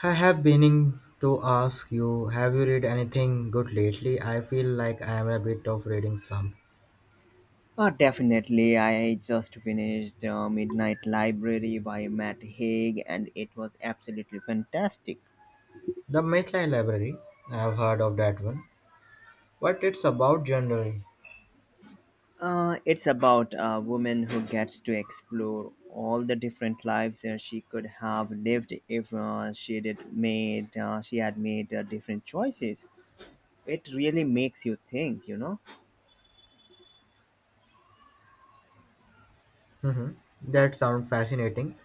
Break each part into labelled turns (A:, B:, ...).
A: I have been to ask you, have you read anything good lately? I feel like I am a bit of reading slump.
B: Definitely. I just finished Midnight Library by Matt Haig, and it was absolutely fantastic.
A: The Maitland Library, I have heard of that one, but it's about journaling.
B: It's about a woman who gets to explore all the different lives that she could have lived if she did made she had made different choices. It really makes you think.
A: Hmm. That sounds fascinating.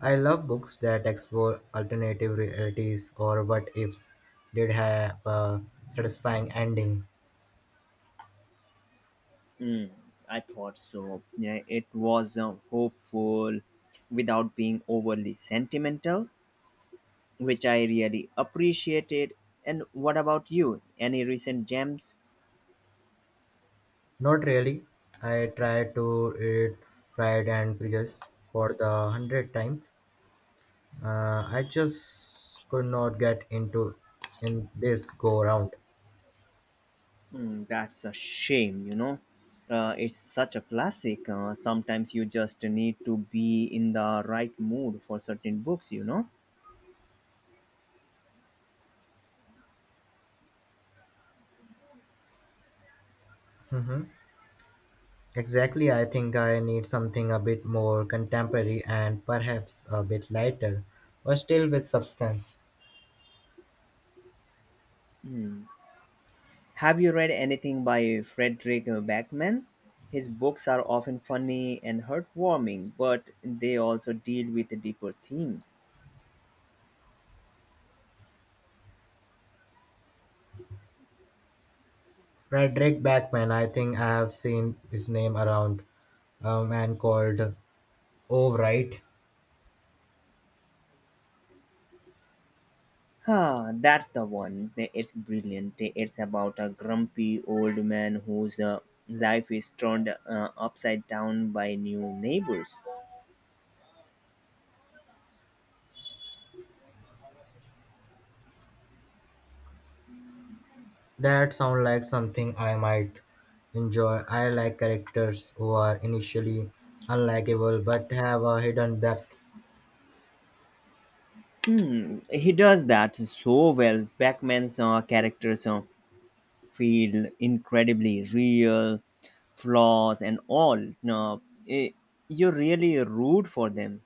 A: I love books that explore alternative realities or what ifs did have a satisfying ending.
B: Mm, I thought so. Yeah, it was hopeful without being overly sentimental which I really appreciated. And what about you? Any recent gems?
A: Not really. I tried to read Pride and Prejudice for the 100th time. I just could not get into in this go round.
B: Hmm, that's a shame. It's such a classic. Sometimes you just need to be in the right mood for certain books.
A: Hmm. Exactly, I think I need something a bit more contemporary and perhaps a bit lighter, but still with substance.
B: Hmm. Have you read anything by Frederick Backman? His books are often funny and heartwarming, but they also deal with deeper themes.
A: Frederick Backman, I think I have seen his name around a man called. Oh, right.
B: Ah, that's the one. It's brilliant. It's about a grumpy old man whose life is turned upside down by new neighbors.
A: That sounds like something I might enjoy. I like characters who are initially unlikable but have a hidden depth.
B: Hmm, he does that so well. Pac-Man's characters feel incredibly real, flaws and all. No, eh, you really root for them.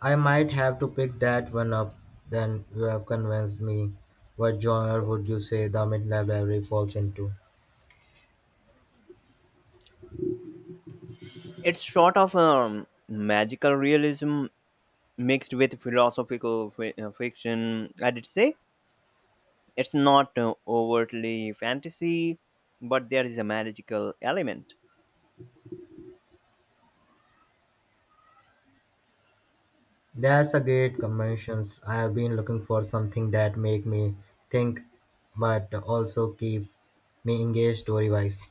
A: I might have to pick that one up then. You have convinced me. What genre would you say The Midnight Library falls into?
B: It's sort of magical realism mixed with philosophical fiction, I'd say. It's not overtly fantasy, but there is a magical element.
A: That's a great conventions. I have been looking for something that make me think but also keep me engaged story-wise.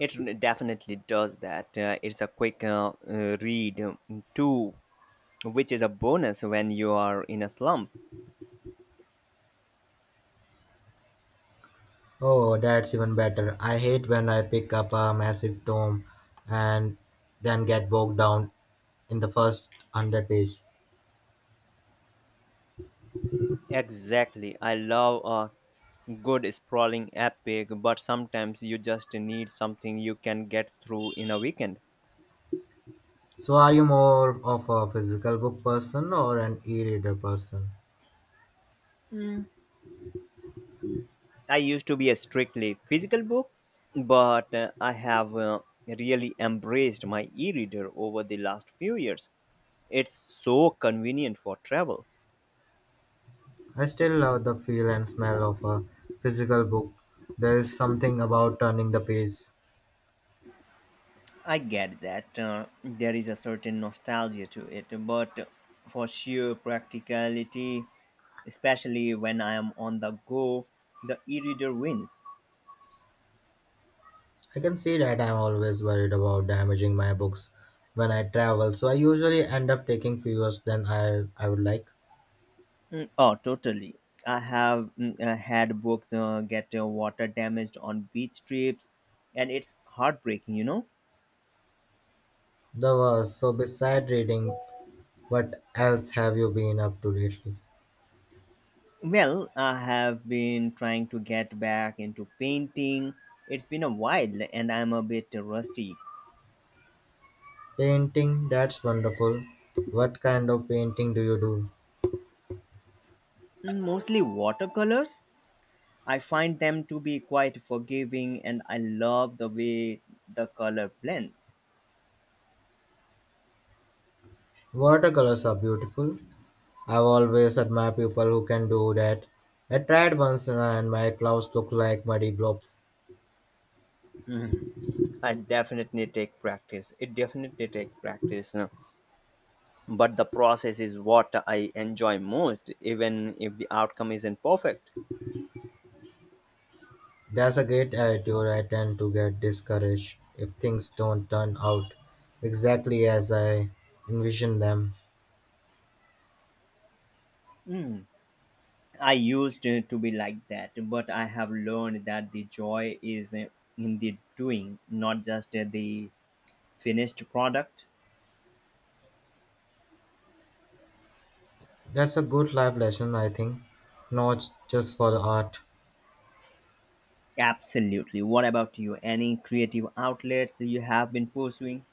B: It definitely does that. It's a quick read too, which is a bonus when you are in a slump.
A: Oh, that's even better. I hate when I pick up a massive tome and then get bogged down in the first 100 pages.
B: Exactly. I love a good sprawling epic, but sometimes you just need something you can get through in a weekend.
A: So are you more of a physical book person or an e-reader person?
B: I used to be a strictly physical book, but I have really embraced my e reader over the last few years. It's so convenient for travel.
A: I still love the feel and smell of a physical book. There is something about turning the page.
B: I get that there is a certain nostalgia to it, but for sheer practicality, especially when I am on the go, the e reader wins.
A: I can see that. I'm always worried about damaging my books when I travel, so I usually end up taking fewer than I would like.
B: Mm, oh, totally. I have had books get water damaged on beach trips, and it's heartbreaking.
A: The worst. So, beside reading, what else have you been up to lately?
B: Well, I have been trying to get back into painting. It's been a while, and I'm a bit rusty.
A: Painting, that's wonderful. What kind of painting do you do?
B: Mm, mostly watercolors. I find them to be quite forgiving, and I love the way the color blend.
A: Watercolors are beautiful. I've always admired people who can do that. I tried once and my clothes looked like muddy blobs.
B: I definitely take practice. It definitely take practice. But the process is what I enjoy most, even if the outcome isn't perfect.
A: That's a great attitude. I tend to get discouraged if things don't turn out exactly as I envision them.
B: I used to be like that, but I have learned that the joy is in the doing, not just the finished product.
A: That's a good life lesson, I think, not just for the art.
B: Absolutely. What about you? Any creative outlets you have been pursuing?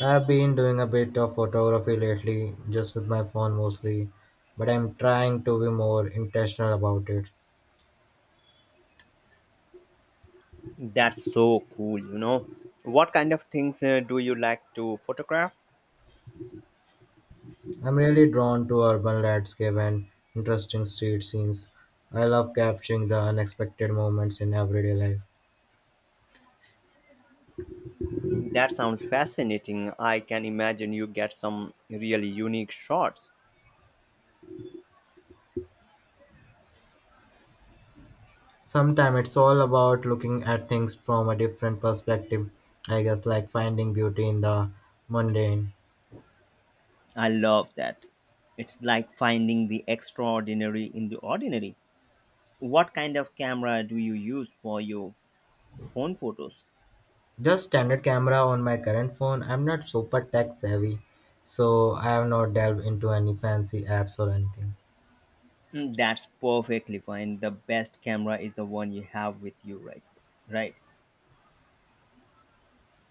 A: I've been doing a bit of photography lately, just with my phone mostly, but I'm trying to be more intentional about it.
B: That's so cool. What kind of things do you like to photograph?
A: I'm really drawn to urban landscape and interesting street scenes. I love capturing the unexpected moments in everyday life.
B: That sounds fascinating. I can imagine you get some really unique shots.
A: Sometimes it's all about looking at things from a different perspective, I guess, like finding beauty in the mundane.
B: I love that. It's like finding the extraordinary in the ordinary. What kind of camera do you use for your phone photos?
A: Just standard camera on my current phone, I'm not super tech savvy, so I have not delved into any fancy apps or anything.
B: Mm, that's perfectly fine. The best camera is the one you have with you right.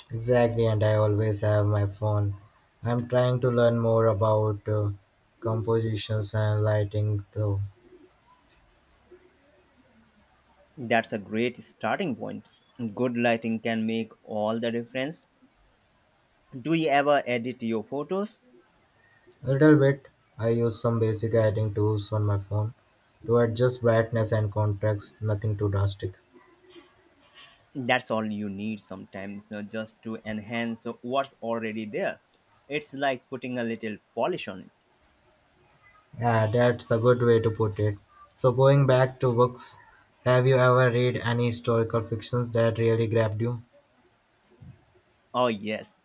A: Exactly, and I always have my phone. I'm trying to learn more about compositions and lighting though.
B: That's a great starting point. Good lighting can make all the difference. Do you ever edit your photos?
A: A little bit. I use some basic editing tools on my phone to adjust brightness and contrast, nothing too drastic.
B: That's all you need sometimes, just to enhance what's already there. It's like putting a little polish on it.
A: Yeah, that's a good way to put it. So going back to books, have you ever read any historical fictions that really grabbed you?
B: Oh, yes.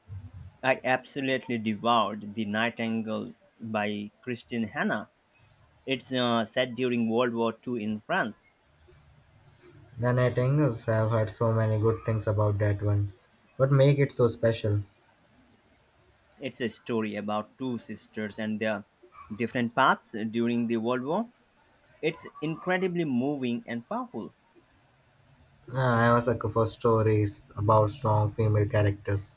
B: I absolutely devoured The Nightingale by Christine Hanna. It's set during World War II in France.
A: The Nightingales, I've heard so many good things about that one. What make it so special?
B: It's a story about two sisters and their different paths during the World War. It's incredibly moving and powerful.
A: I'm a sucker for stories about strong female characters.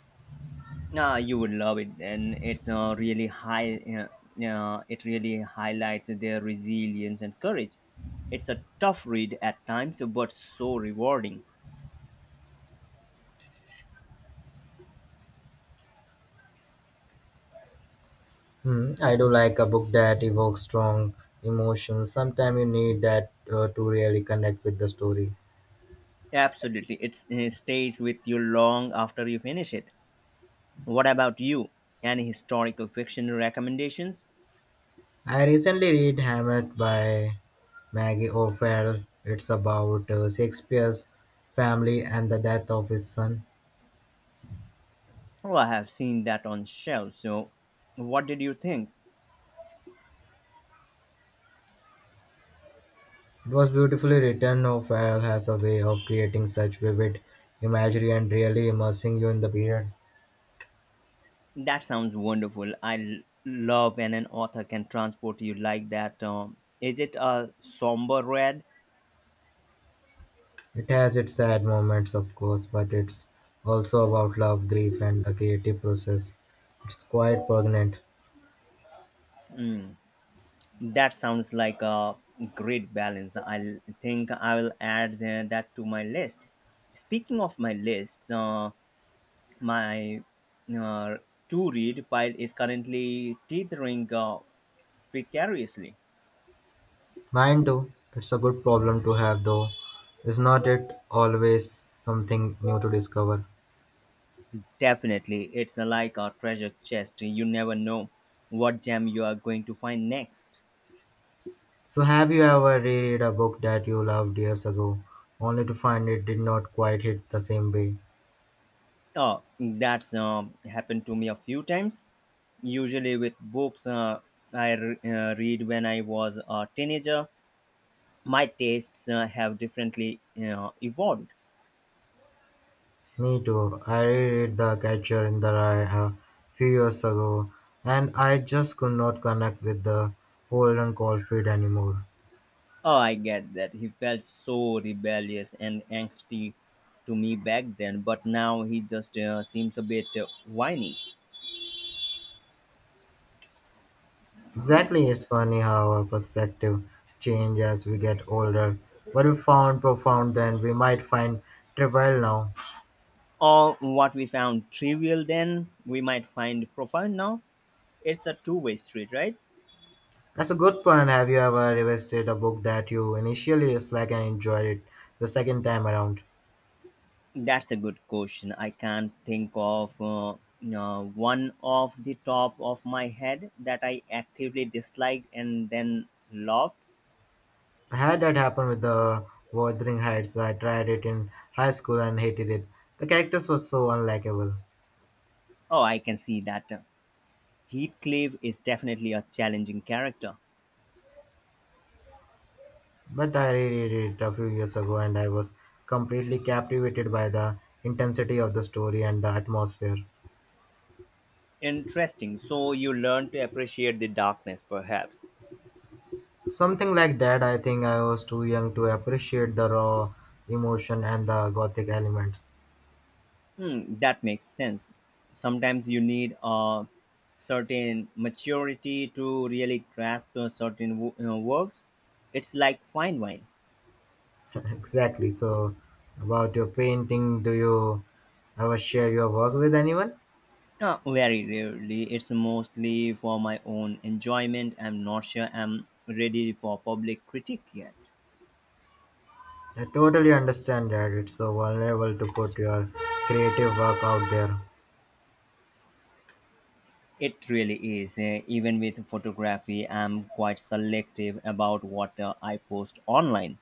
B: You would love it, and it's really high. It really highlights their resilience and courage. It's a tough read at times, but so rewarding.
A: Hmm, I do like a book that evokes strong emotions. Sometimes you need that to really connect with the story.
B: Absolutely. It stays with you long after you finish it. What about you? Any historical fiction recommendations?
A: I recently read Hamlet by Maggie O'Farrell. It's about Shakespeare's family and the death of his son.
B: Oh, I have seen that on shelves. So, what did you think?
A: It was beautifully written. O'Farrell has a way of creating such vivid imagery and really immersing you in the period.
B: That sounds wonderful. Love when an author can transport you like that. Is it a somber red?
A: It has its sad moments, of course, but it's also about love, grief, and the creative process. It's quite poignant.
B: That sounds like a great balance. I think I will that to my list. Speaking of my list, my uh, to read pile is currently teetering precariously.
A: Mine too. It's a good problem to have, though. Is not it always something new to discover?
B: Definitely, it's like a treasure chest. You never know what gem you are going to find next.
A: So, have you ever reread a book that you loved years ago, only to find it did not quite hit the same way?
B: Oh, that's happened to me a few times. Usually, with books I read when I was a teenager, my tastes have differently evolved.
A: Me too. I reread The Catcher in the Rye a few years ago, and I just could not connect with the Holden Caulfield anymore.
B: Oh, I get that. He felt so rebellious and angsty to me back then, but now he just seems a bit whiny.
A: Exactly, it's funny how our perspective change as we get older. What we found profound then we might find trivial now.
B: Or what we found trivial then, we might find profound now. It's a two-way street, right?
A: That's a good point. Have you ever revisited a book that you initially disliked and enjoyed it the second time around?
B: That's a good question. I can't think of one off the top of my head that I actively disliked and then loved.
A: I had that happen with the Wuthering Heights. I tried it in high school and hated it. The characters were so unlikable.
B: Oh, I can see that. Heathcliff is definitely a challenging character.
A: But I reread it a few years ago and I was completely captivated by the intensity of the story and the atmosphere.
B: Interesting. So you learn to appreciate the darkness, perhaps.
A: Something like that. I think I was too young to appreciate the raw emotion and the gothic elements.
B: Hmm, that makes sense. Sometimes you need a certain maturity to really grasp a certain works. It's like fine wine.
A: Exactly. So, about your painting, do you ever share your work with anyone?
B: Very rarely. It's mostly for my own enjoyment. I'm not sure I'm ready for public critique yet.
A: I totally understand that it's so vulnerable to put your creative work out there.
B: It really is. Even with photography, I'm quite selective about what I post online.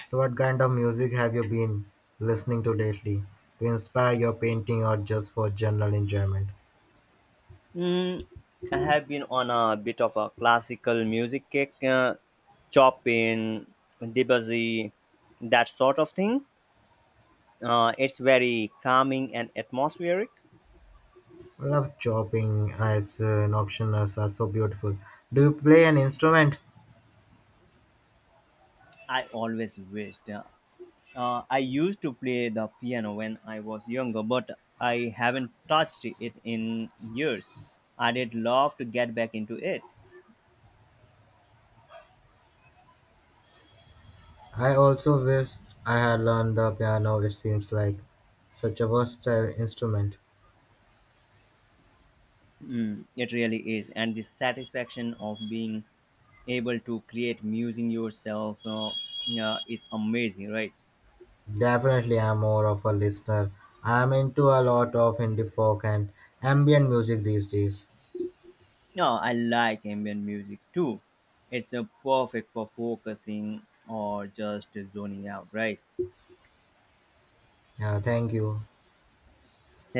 A: So, what kind of music have you been listening to lately to inspire your painting or just for general enjoyment?
B: Mm, I have been on a bit of a classical music kick, Chopin, Debussy, that sort of thing. It's very calming and atmospheric.
A: I love chopping, as nocturnes are so beautiful. Do you play an instrument?
B: I always wished. I used to play the piano when I was younger, but I haven't touched it in years. I did love to get back into it.
A: I also wish I had learned the piano, it seems like such a versatile instrument.
B: Mm, it really is. And the satisfaction of being able to create music yourself is amazing, right?
A: Definitely, I'm more of a listener. I'm into a lot of indie folk and ambient music these days.
B: No, I like ambient music too. It's perfect for focusing or just zoning out, right?
A: Yeah, thank you.